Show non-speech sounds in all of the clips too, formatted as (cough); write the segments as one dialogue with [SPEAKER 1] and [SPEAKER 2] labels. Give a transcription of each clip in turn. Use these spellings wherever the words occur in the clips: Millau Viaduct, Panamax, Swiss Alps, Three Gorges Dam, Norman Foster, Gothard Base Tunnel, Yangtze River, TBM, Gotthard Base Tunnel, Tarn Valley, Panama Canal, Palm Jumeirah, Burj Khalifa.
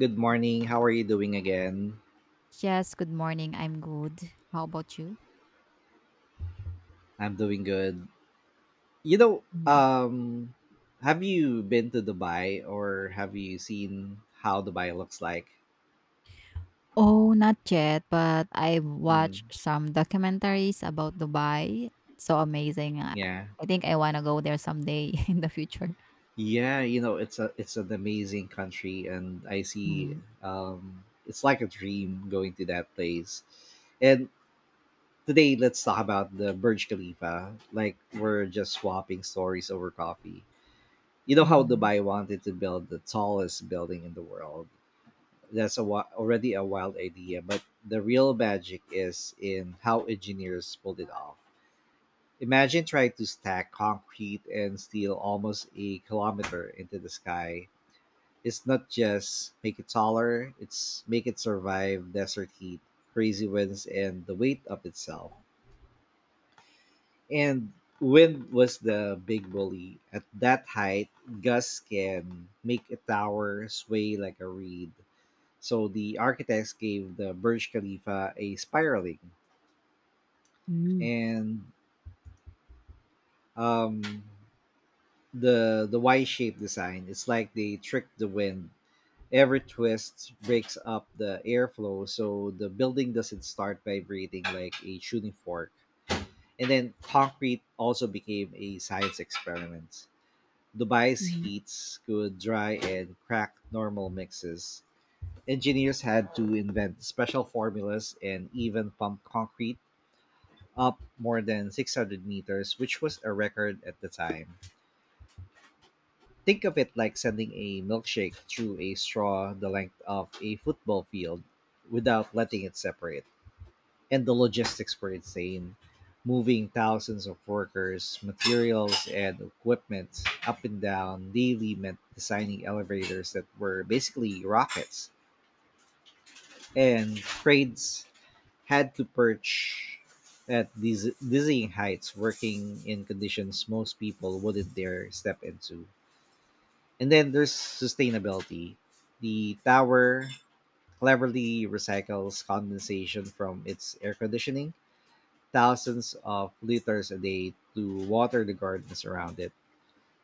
[SPEAKER 1] Good morning. How are you doing again?
[SPEAKER 2] Yes, good morning. I'm good. How about you?
[SPEAKER 1] I'm doing good. You know,
[SPEAKER 2] Mhm.
[SPEAKER 1] um, have you been to Dubai or have you seen how Dubai looks like?
[SPEAKER 2] Oh, not yet, but I've
[SPEAKER 1] Mm,
[SPEAKER 2] watched some documentaries about Dubai. So amazing. I
[SPEAKER 1] yeah.
[SPEAKER 2] I think I want to go there someday (laughs) in the future.
[SPEAKER 1] Yeah, you know, it's a it's an amazing country and I see
[SPEAKER 2] Mm-hmm.
[SPEAKER 1] it's like a dream going to that place. And today let's talk about the Burj Khalifa, like we're just swapping stories over coffee. You know how
[SPEAKER 2] Mm-hmm.
[SPEAKER 1] Dubai wanted to build the tallest building in the world, that's a already a wild idea, but the real magic is in how engineers pulled it off. Imagine trying to stack concrete and steel almost a kilometer into the sky. It's not just make it taller, it's make it survive desert heat, crazy winds, and the weight of itself. And wind was the big bully. At that height, gusts can make a tower sway like a reed. So the architects gave the Burj Khalifa a spiraling
[SPEAKER 2] Mm-hmm.
[SPEAKER 1] and um, the Y-shaped design. It's like they tricked the wind. Every twist breaks up the airflow, so the building doesn't start vibrating like a shooting fork. And then concrete also became a science experiment. Dubai's heats could dry and crack normal mixes. Engineers had to invent special formulas and even pump concrete up more than 600 meters, which was a record at the time. Think of it like sending a milkshake through a straw the length of a football field without letting it separate. And the logistics were insane, moving thousands of workers, materials, and equipment up and down daily meant designing elevators that were basically rockets, and cranes had to perch at dizzying heights, working in conditions most people wouldn't dare step into. And then there's sustainability. The tower cleverly recycles condensation from its air conditioning, thousands of liters a day to water the gardens around it.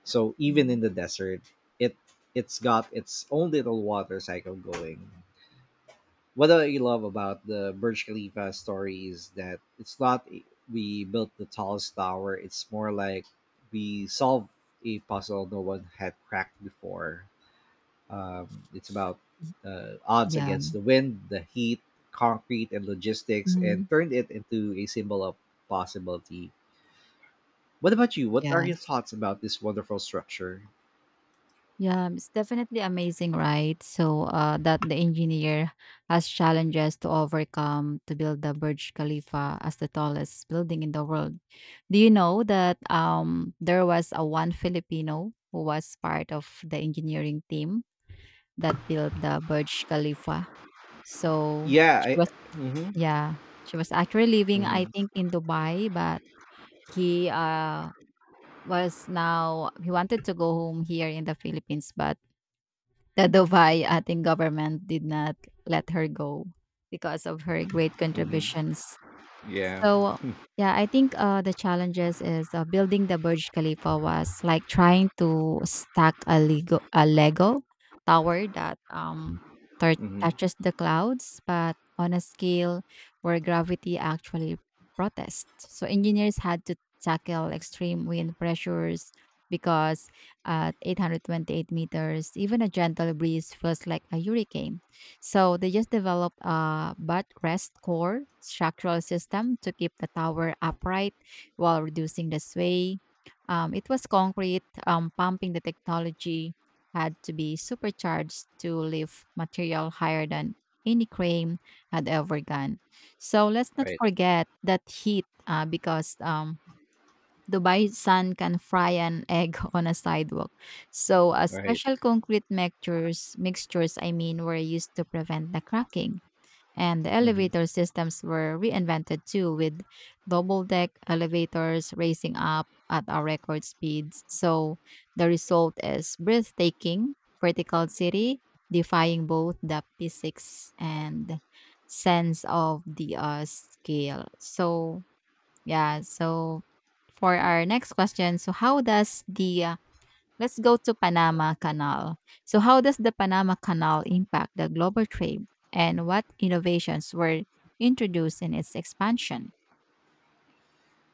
[SPEAKER 1] So even
[SPEAKER 2] Mm-hmm.
[SPEAKER 1] in the desert, it it's got its own little water cycle going. What I love about the Burj Khalifa story is that it's not we built the tallest tower, it's more like we solved a puzzle no one had cracked before. It's about odds
[SPEAKER 2] Yeah.
[SPEAKER 1] against the wind, the heat, concrete, and logistics,
[SPEAKER 2] Mm-hmm.
[SPEAKER 1] and turned it into a symbol of possibility. What about you? What are your
[SPEAKER 2] Yes.
[SPEAKER 1] thoughts about this wonderful structure?
[SPEAKER 2] Yeah, it's definitely amazing, right? So that the engineer has challenges to overcome to build the Burj Khalifa as the tallest building in the world. Do you know that there was a one Filipino who was part of the engineering team that built the Burj Khalifa? So
[SPEAKER 1] Yeah,
[SPEAKER 2] she
[SPEAKER 1] I
[SPEAKER 2] was,
[SPEAKER 1] mhm
[SPEAKER 2] yeah, she was actually living, I
[SPEAKER 1] mhm
[SPEAKER 2] think, in Dubai, but he was now he wanted to go home here in the Philippines, but Dadovay, ating government did not let her go because of her great
[SPEAKER 1] mhm
[SPEAKER 2] contributions.
[SPEAKER 1] yeah
[SPEAKER 2] So, yeah, I think the challenges is building the Burj Khalifa was like trying to stack a Lego tower that tou-
[SPEAKER 1] mhm
[SPEAKER 2] touches the clouds, but on a scale where gravity actually protests. So engineers had to tackle extreme wind pressures because at 828 meters, even a gentle breeze feels like a hurricane. So they just developed a butt rest core structural system to keep the tower upright while reducing the sway. It was concrete, pumping the technology had to be supercharged to lift material higher than any crane had ever done. So let's not
[SPEAKER 1] right
[SPEAKER 2] forget that heat because Dubai sun can fry an egg (laughs) on a sidewalk. So,
[SPEAKER 1] right
[SPEAKER 2] special concrete mixtures, I mean, were used to prevent the cracking. And the
[SPEAKER 1] mhm
[SPEAKER 2] elevator systems were reinvented too, with double deck elevators racing up at a record speeds. So, the result is breathtaking vertical city, defying both the physics and sense of the scale. So, yeah. So for our next question, so how does the let's go to Panama Canal. So how does the Panama Canal impact the global trade, and what innovations were introduced in its expansion?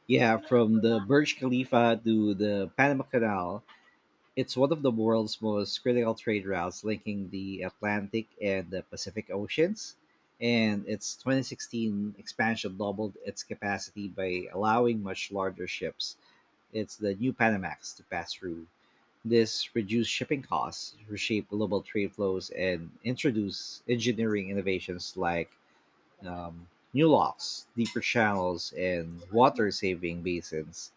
[SPEAKER 1] yeah from the Burj Khalifa to the Panama Canal. It's one of the world's most critical trade routes, linking the Atlantic and the Pacific Oceans, and its 2016 expansion doubled its capacity by allowing much larger ships, it's the new Panamax, to pass through. This reduced shipping costs, reshaped global trade flows, and introduced engineering innovations like um, new locks, deeper channels, and water saving basins.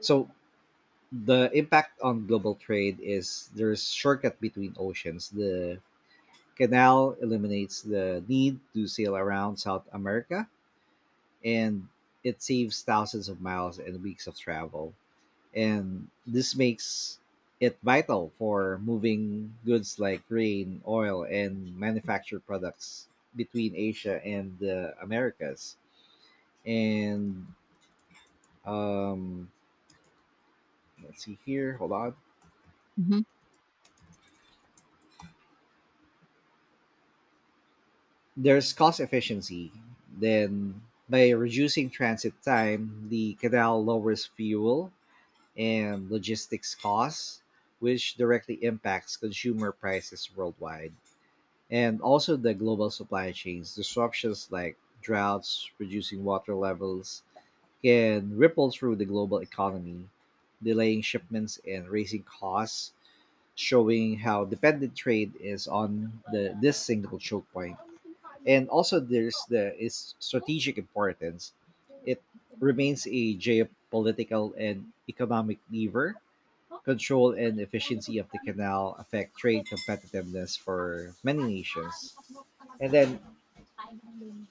[SPEAKER 1] So, the impact on global trade is there's shortcut between oceans. The canal eliminates the need to sail around South America, and it saves thousands of miles and weeks of travel. And this makes it vital for moving goods like grain, oil, and manufactured products between Asia and the Americas. And um, let's see here. Hold on.
[SPEAKER 2] Hmm.
[SPEAKER 1] There's cost efficiency. Then, by reducing transit time, the canal lowers fuel and logistics costs, which directly impacts consumer prices worldwide. And also the global supply chains. Disruptions like droughts, reducing water levels, can ripple through the global economy, delaying shipments and raising costs, showing how dependent trade is on the this single choke point, and also there's the its strategic importance. It remains a geopolitical and economic lever. Control and efficiency of the canal affect trade competitiveness for many nations. And then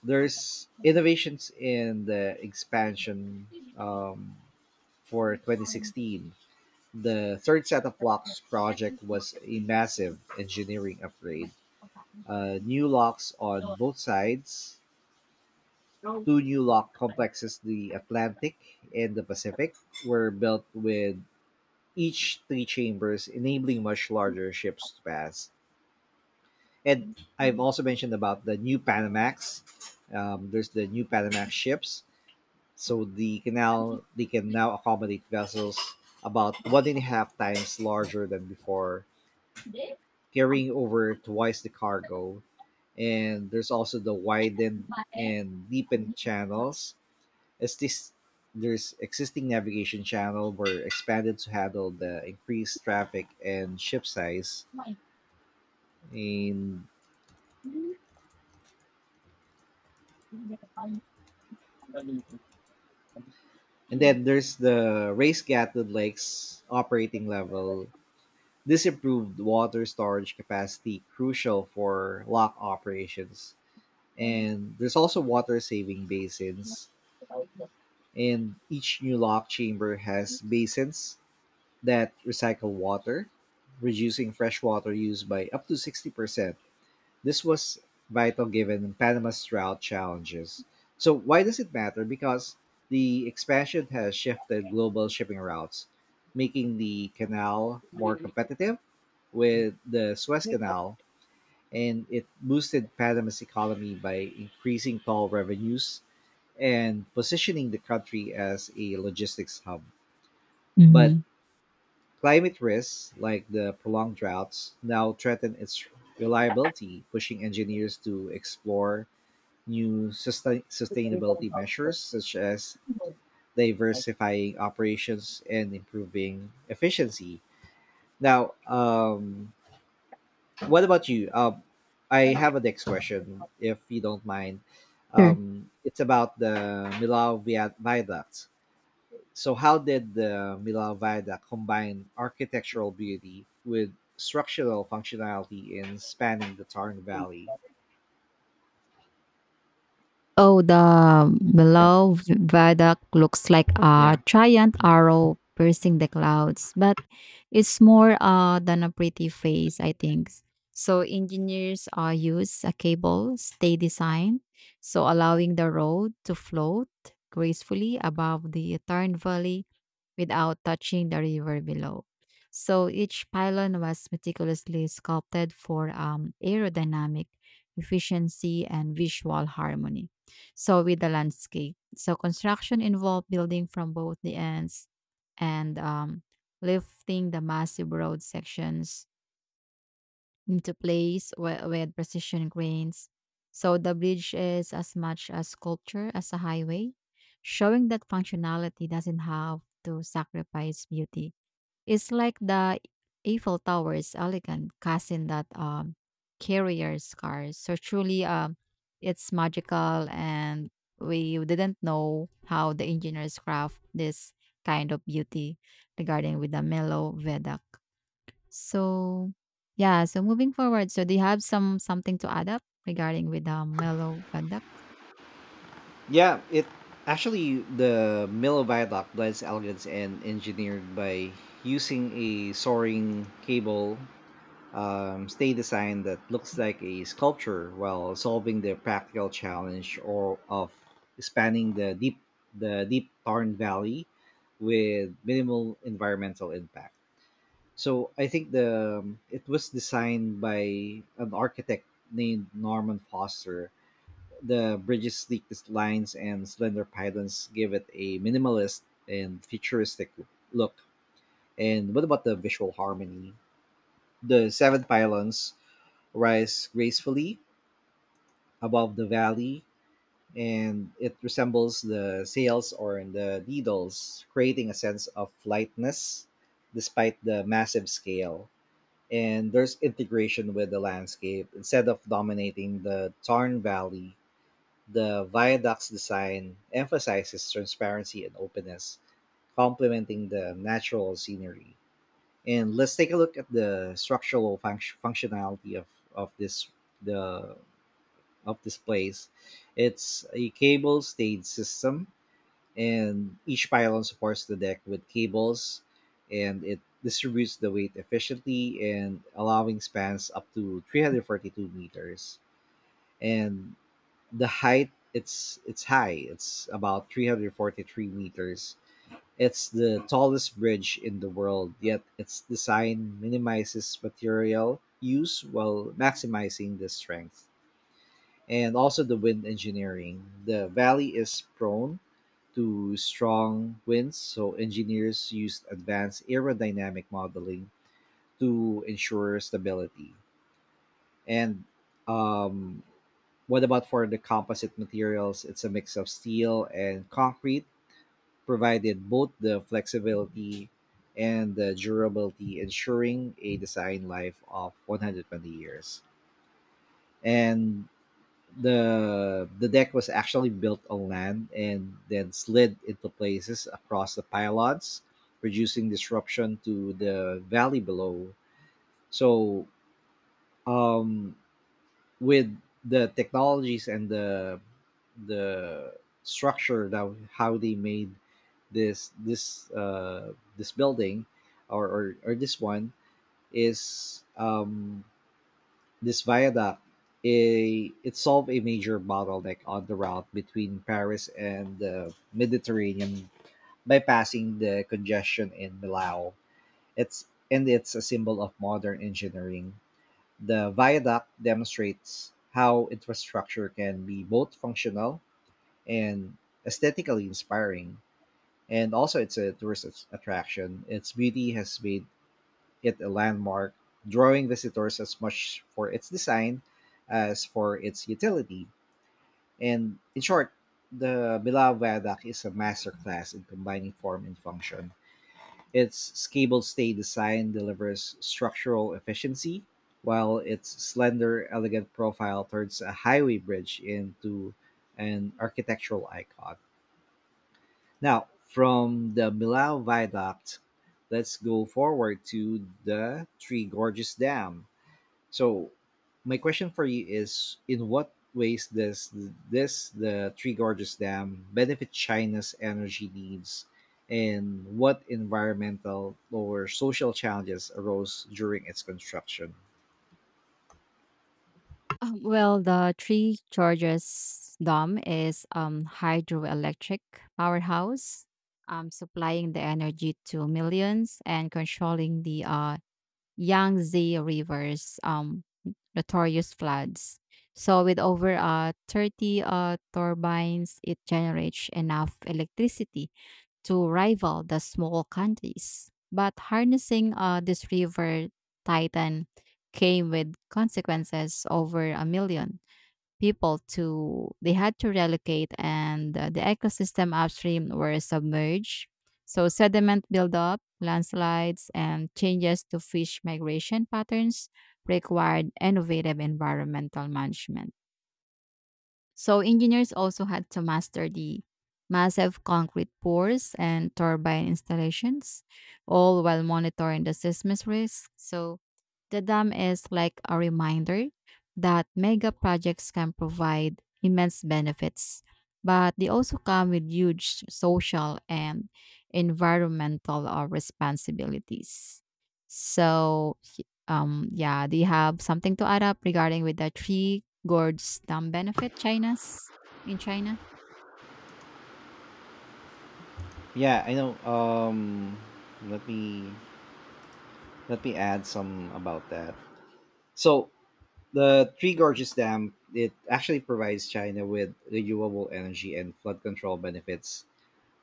[SPEAKER 1] there's innovations in the expansion um, for 2016. The third set of locks project was a massive engineering upgrade. New locks on both sides. Two new lock complexes, the Atlantic and the Pacific, were built with each three chambers, enabling much larger ships to pass. And I've also mentioned about the new Panamax. There's the new Panamax ships. So the canal they can now accommodate vessels about one and a half times larger than before, carrying over twice the cargo. And there's also the widened and deepened channels. As this there's existing navigation channel were expanded to handle the increased traffic and ship size. And and then there's the raised Gatlin's Lakes operating level. This improved water storage capacity crucial for lock operations. And there's also water saving basins. And each new lock chamber has basins that recycle water, reducing freshwater use by up to 60%. This was vital given Panama's route challenges. So, why does it matter? Because the expansion has shifted global shipping routes, making the canal more competitive with the Suez Canal, and it boosted Panama's economy by increasing toll revenues and positioning the country as a logistics hub. But
[SPEAKER 2] Hmm.
[SPEAKER 1] climate risks, like the prolonged droughts, now threaten its reliability, pushing engineers to explore new sustainability measures such as diversifying operations and improving efficiency. Now, what about you? I have a next question, if you don't mind.
[SPEAKER 2] Sure.
[SPEAKER 1] It's about the Millau Viaduct. So, how did the Mila Vada combine architectural beauty with structural functionality in spanning the Tarn Valley?
[SPEAKER 2] Oh, the below viaduct looks like a
[SPEAKER 1] Yeah.
[SPEAKER 2] giant arrow piercing the clouds, but it's more than a pretty face, I think. So engineers use a cable stay design, so allowing the road to float gracefully above the Tarn Valley without touching the river below. So each pylon was meticulously sculpted for aerodynamic efficiency and visual harmony. So with the landscape, so construction involved building from both the ends and lifting the massive road sections into place with precision grains. So the bridge is as much a sculpture as a highway, showing that functionality doesn't have to sacrifice beauty. It's like the Eiffel Tower's elegant cousin that carrier's cars. So truly, it's magical, and we didn't know how the engineers craft this kind of beauty regarding with the mellow viaduct. So, yeah, so moving forward, so do you have some something to add up regarding with Melo Fedak?
[SPEAKER 1] Yeah, it actually the Milo Viaduct blends elegance and engineered by using a soaring cable stay design that looks like a sculpture while solving the practical challenge or of spanning the deep Tarn Valley with minimal environmental impact. So I think the it was designed by an architect named Norman Foster. The bridge's sleek lines and slender pylons give it a minimalist and futuristic look. And what about the visual harmony? The seven pylons rise gracefully above the valley, and it resembles the sails or in the needles, creating a sense of lightness despite the massive scale. And there's integration with the landscape. Instead of dominating the Tarn Valley, the viaduct's design emphasizes transparency and openness, complementing the natural scenery. And let's take a look at the structural functionality of this the of this place. It's a cable-stayed system, and each pylon supports the deck with cables and it distributes the weight efficiently and allowing spans up to 342 meters, and the height it's high it's about 343 meters, it's the tallest bridge in the world, yet its design minimizes material use while maximizing the strength. And also the wind engineering. The valley is prone to strong winds, so engineers used advanced aerodynamic modeling to ensure stability. And um, what about for the composite materials? It's a mix of steel and concrete, provided both the flexibility and the durability, ensuring a design life of 120 years. And the deck was actually built on land and then slid into places across the pylons, producing disruption to the valley below. So um, with the technologies and the structure that how they made this building or this one is this viaduct, a, it solved a major bottleneck on the route between Paris and the Mediterranean, bypassing the congestion in Millau. It's and it's a symbol of modern engineering. The viaduct demonstrates how infrastructure can be both functional and aesthetically inspiring. And also, it's a tourist attraction. Its beauty has made it a landmark, drawing visitors as much for its design as for its utility. And in short, the Bilbao Viaduct is a masterclass in combining form and function. Its cable stay design delivers structural efficiency, while its slender, elegant profile turns a highway bridge into an architectural icon. Now, from the Bilbao Viaduct, let's go forward to the Three Gorges Dam. So, my question for you is: in what ways does this the Three Gorges Dam benefit China's energy needs, and what environmental or social challenges arose during its construction?
[SPEAKER 2] Well, the Three Gorges Dam is hydroelectric powerhouse, supplying the energy to millions and controlling the Yangtze River's notorious floods. So with over 30 turbines, it generates enough electricity to rival the small countries. But harnessing this river titan came with consequences over a million people to they had to relocate and the ecosystem upstream were submerged. So sediment buildup landslides and changes to fish migration patterns required innovative environmental management. So engineers also had to master the massive concrete pours and turbine installations, all while monitoring the seismic risk. So the dam is like a reminder that mega projects can provide immense benefits, but they also come with huge social and environmental responsibilities. So yeah, do you have something to add up regarding with the three gourds dam benefit China's in China?
[SPEAKER 1] Yeah, I know. Let me let me add some about that. So the Three Gorges Dam it actually provides China with renewable energy and flood control benefits,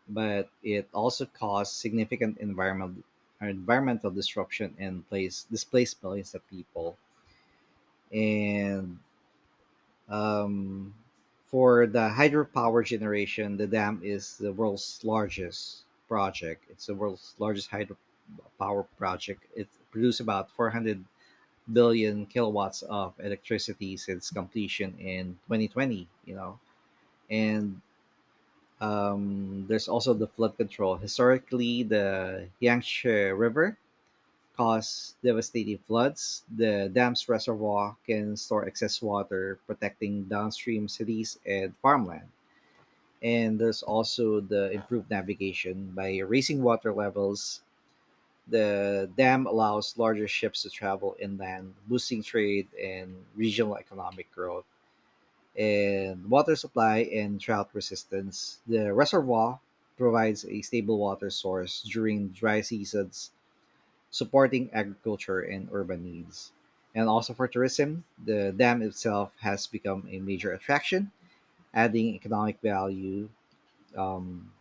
[SPEAKER 1] but it also caused significant environmental disruption and place displaced millions of people. And um, for the hydropower generation, the dam is the world's largest project. It's the world's largest hydropower project. It produced about 400 billion kilowatts of electricity since completion in 2020. You know, and there's also the flood control. Historically, the Yangtze River caused devastating floods. The dam's reservoir can store excess water, protecting downstream cities and farmland. And there's also the improved navigation. By raising water levels, the dam allows larger ships to travel inland, boosting trade and regional economic growth, and water supply and drought resistance. The reservoir provides a stable water source during dry seasons, supporting agriculture and urban needs. And also for tourism, the dam itself has become a major attraction, adding economic value um,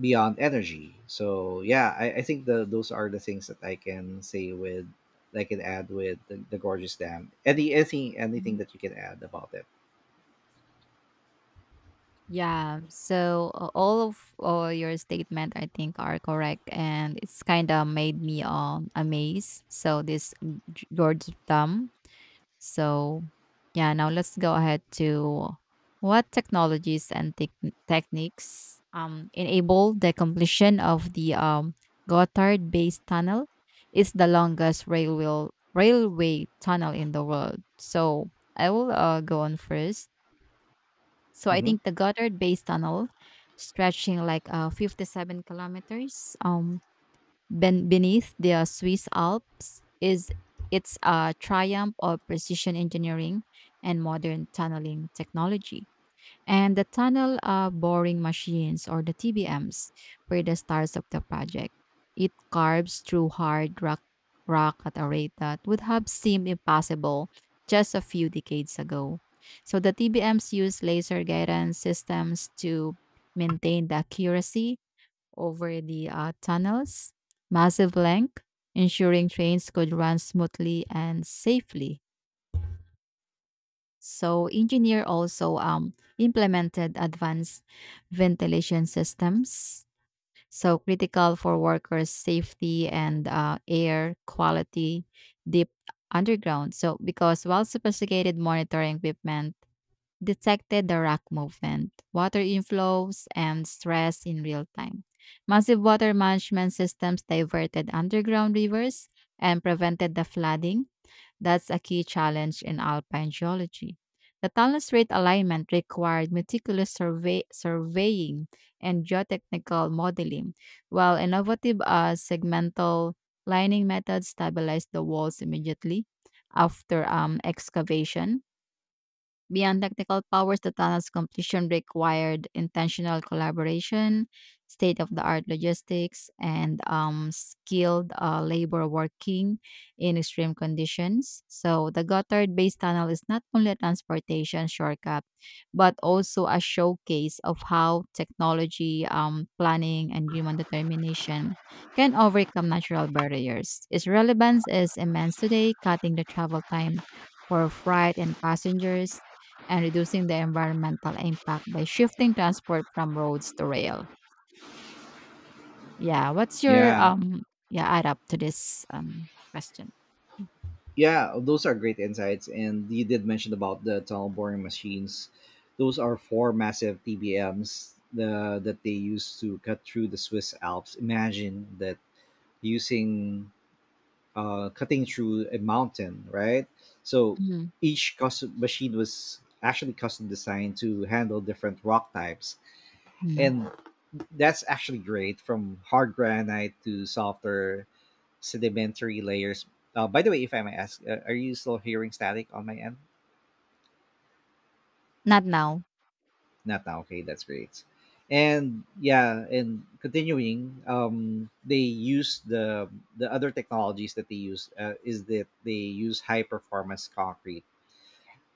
[SPEAKER 1] beyond energy. So yeah, I think those are the things that I can say with I can add with the gorgeous dam. Anything
[SPEAKER 2] Mm-hmm.
[SPEAKER 1] anything that you can add about it?
[SPEAKER 2] Yeah. So all of your statement, I think, are correct, and it's kind of made me amazed. So this G- George Thumb. So yeah. Now let's go ahead to what technologies and techniques enable the completion of the Gotthard Base Tunnel. It's the longest railway tunnel in the world. So I will go on first. So I
[SPEAKER 1] Hmm.
[SPEAKER 2] think the Goddard Base Tunnel, stretching like 57 kilometers ben- beneath the Swiss Alps, is it's a triumph of precision engineering and modern tunneling technology and the tunnel boring machines or the TBMs were the stars of the project. It carves through hard rock at a rate that would have seemed impossible just a few decades ago. So the TBMs use laser guidance systems to maintain the accuracy over the tunnel's massive length, ensuring trains could run smoothly and safely. So engineer also implemented advanced ventilation systems, so critical for workers' safety and air quality deep underground. So because while sophisticated monitoring equipment detected the rock movement, water inflows, and stress in real time. Massive water management systems diverted underground rivers and prevented the flooding that's a key challenge in alpine geology. The talus rate alignment required meticulous surveying and geotechnical modeling, while innovative segmental lining methods stabilized the walls immediately after excavation. Beyond technical powers, the tunnel's completion required intentional collaboration, state of the art logistics, and skilled labor working in extreme conditions. So, the Gotthard based tunnel is not only a transportation shortcut, but also a showcase of how technology, planning, and human determination can overcome natural barriers. Its relevance is immense today, cutting the travel time for freight and passengers and reducing the environmental impact by shifting transport from roads to rail. Yeah, what's your
[SPEAKER 1] Yeah.
[SPEAKER 2] yeah add up to this question? Mm.
[SPEAKER 1] Yeah, those are great insights. And you did mention about the tunnel boring machines. Those are four massive TBMs that they used to cut through the Swiss Alps. Imagine that using cutting through a mountain, right? So
[SPEAKER 2] Mhm.
[SPEAKER 1] each custom machine was actually custom designed to handle different rock types.
[SPEAKER 2] Mm.
[SPEAKER 1] And that's actually great from hard granite to softer sedimentary layers. By the way, if I may ask, are you still hearing static on my end?
[SPEAKER 2] Not now.
[SPEAKER 1] Not now. Okay, that's great. And yeah, and continuing, they use the other technologies that they use is that they use high performance concrete.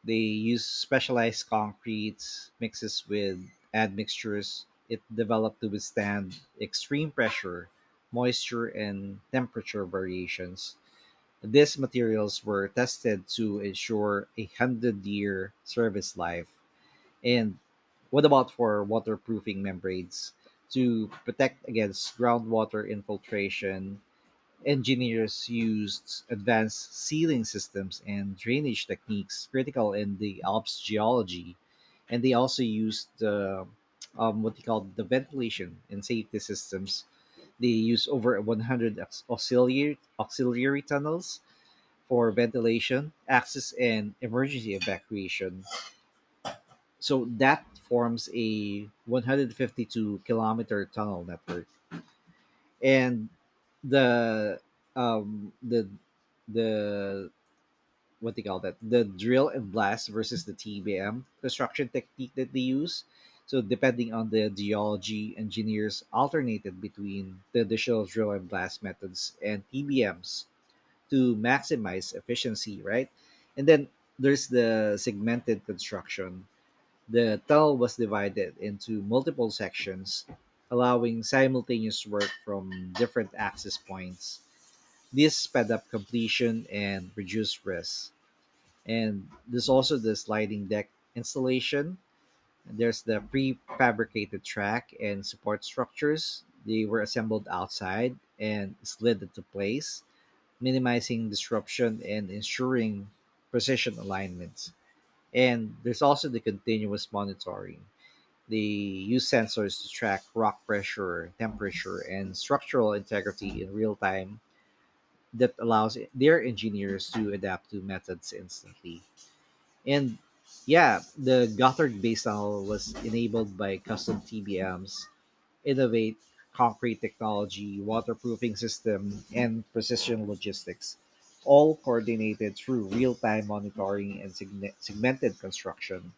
[SPEAKER 1] They use specialized concretes mixes with admixtures it developed to withstand extreme pressure, moisture, and temperature variations. These materials were tested to ensure a hundred-year service life. And what about for waterproofing membranes to protect against groundwater infiltration? Engineers used advanced sealing systems and drainage techniques critical in the Alps geology, and they also used the what they call the ventilation and safety systems. They use over 100 auxiliary tunnels for ventilation, access, and emergency evacuation. So that forms a 152-kilometer tunnel network and the um the the what they call that the drill and blast versus the TBM construction technique that they use. So depending on the geology, engineers alternated between the additional drill and blast methods and TBMs to maximize efficiency, right? And then there's the segmented construction. The tell was divided into multiple sections, allowing simultaneous work from different access points. This sped up completion and reduced risk. And there's also the sliding deck installation. There's the prefabricated track and support structures. They were assembled outside and slid into place, minimizing disruption and ensuring precision alignment. And there's also the continuous monitoring. They use sensors to track rock pressure, temperature, and structural integrity in real time that allows their engineers to adapt to methods instantly. And yeah, the Gothard base tunnel was enabled by custom TBMs, innovate concrete technology, waterproofing system, and precision logistics, all coordinated through real time monitoring and segmented construction.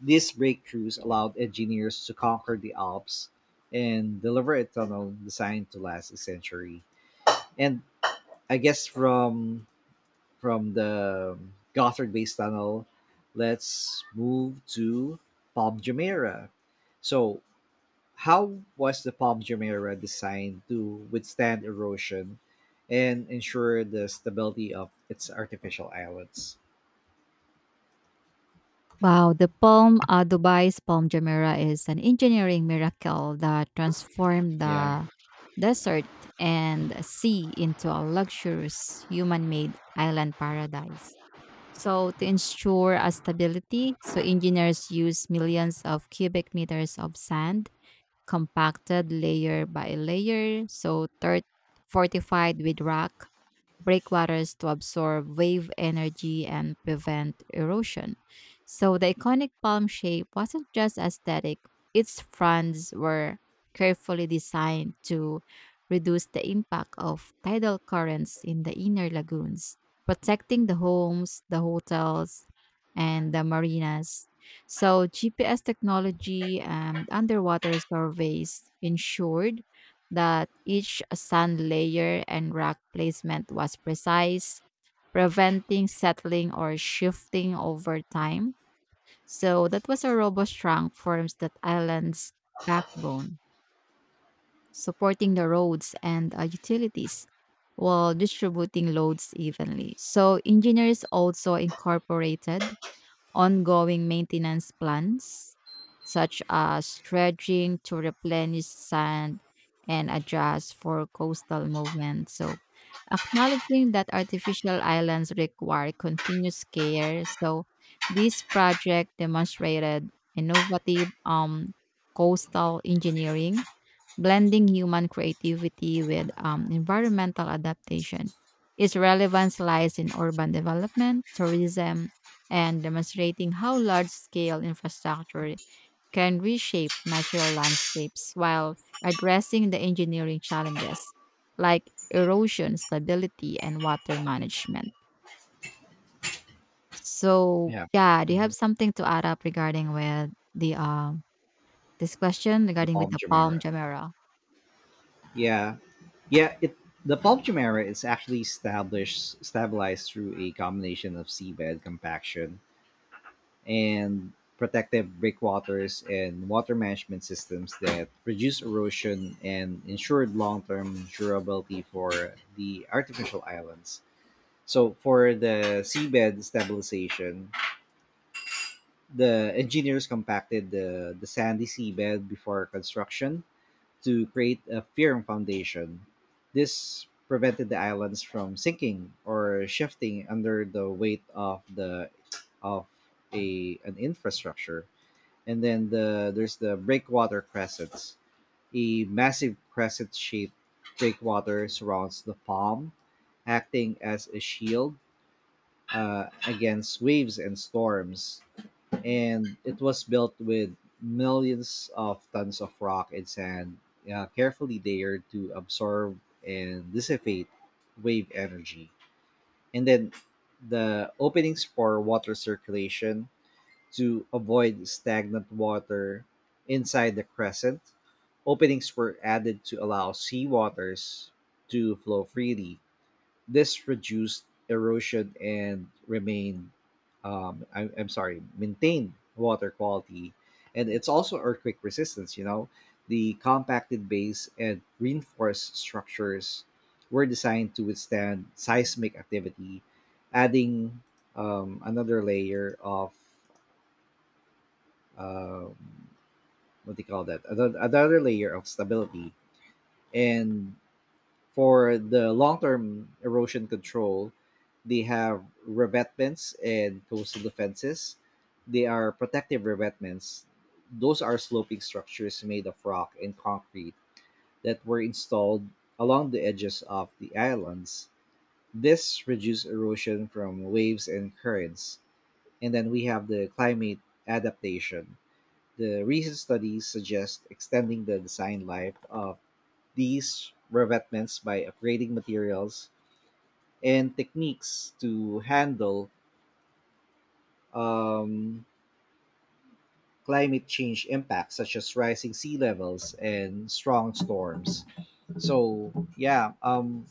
[SPEAKER 1] These breakthroughs allowed engineers to conquer the Alps and deliver a tunnel designed to last a century. And I guess from the Gothard Base Tunnel, let's move to Palm Jumeirah. So, how was the Palm Jumeirah designed to withstand erosion and ensure the stability of its artificial islands?
[SPEAKER 2] Wow, the Palm Dubai's Palm Jumeirah is an engineering miracle that transformed
[SPEAKER 1] Yeah,
[SPEAKER 2] the desert and sea into a luxurious human-made island paradise. So to ensure a stability, so engineers use millions of cubic meters of sand compacted layer by layer, so third fortified with rock breakwaters to absorb wave energy and prevent erosion. So the iconic palm shape wasn't just aesthetic, its fronds were carefully designed to reduce the impact of tidal currents in the inner lagoons, protecting the homes, the hotels, and the marinas. So, GPS technology and underwater surveys ensured that each sand layer and rock placement was precise, preventing settling or shifting over time. So that was a robust trunk forms that island's backbone, supporting the roads and utilities while distributing loads evenly. So engineers also incorporated ongoing maintenance plans, such as dredging to replenish sand and adjust for coastal movement. So, acknowledging that artificial islands require continuous care. So, this project demonstrated innovative coastal engineering, blending human creativity with environmental adaptation. Its relevance lies in urban development, tourism, and demonstrating how large scale infrastructure can reshape natural landscapes while addressing the engineering challenges like erosion, stability, and water management. So,
[SPEAKER 1] yeah,
[SPEAKER 2] yeah, do you have
[SPEAKER 1] mhm.
[SPEAKER 2] something to add up regarding with the this question
[SPEAKER 1] The
[SPEAKER 2] regarding with
[SPEAKER 1] Palm
[SPEAKER 2] the
[SPEAKER 1] Jumeirah.
[SPEAKER 2] palm gemera?
[SPEAKER 1] Yeah. Yeah, it the Palm era is actually established stabilized through a combination of seabed compaction and protective breakwaters and water management systems that reduce erosion and ensured long-term durability for the artificial islands. So for the seabed stabilization, the engineers compacted the sandy seabed before construction to create a firm foundation. This prevented the islands from sinking or shifting under the weight of the of a an infrastructure. And then there's the breakwater crescents. A massive crescent shaped breakwater surrounds the palm, acting as a shield against waves and storms, and it was built with millions of tons of rock and sand, carefully layered to absorb and dissipate wave energy. And then the openings for water circulation to avoid stagnant water inside the crescent. Openings were added to allow sea waters to flow freely. This reduced erosion and remain, I, I'm sorry, maintained water quality, and it's also earthquake resistance. You know, the compacted base and reinforced structures were designed to withstand seismic activity, adding another layer of um, what do you call that? Another layer of stability, and for the long-term erosion control, they have revetments and coastal defenses. They are protective revetments. Those are sloping structures made of rock and concrete that were installed along the edges of the islands. This reduces erosion from waves and currents. And then we have the climate adaptation. The recent studies suggest extending the design life of these revetments by upgrading materials and techniques to handle um, climate change impacts, such as rising sea levels and strong storms. So, yeah,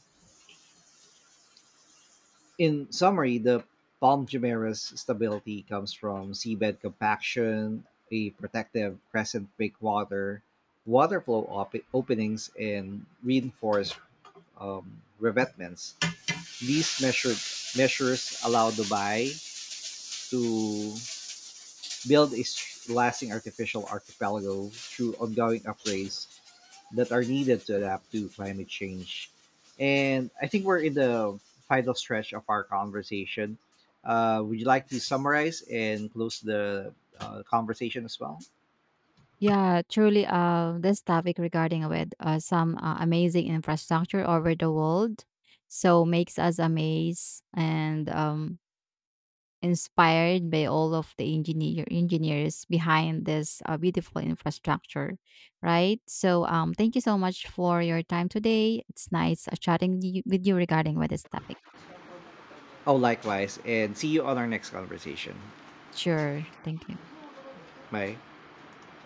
[SPEAKER 1] in summary, the palm gimera's stability comes from seabed compaction, a protective crescent breakwater, water flow openings, and reinforced revetments. These measured measures allow Dubai to build a lasting artificial archipelago through ongoing upgrades that are needed to adapt to climate change. And I think we're in the final stretch of our conversation. Would you like to summarize and close the conversation as well?
[SPEAKER 2] Yeah, truly, this topic regarding with some amazing infrastructure over the world, so makes us amazed and inspired by all of the engineers behind this beautiful infrastructure, right? So, thank you so much for your time today. It's nice with you regarding with this topic.
[SPEAKER 1] Oh, likewise. And see you on our next conversation.
[SPEAKER 2] Sure, thank you.
[SPEAKER 1] Bye.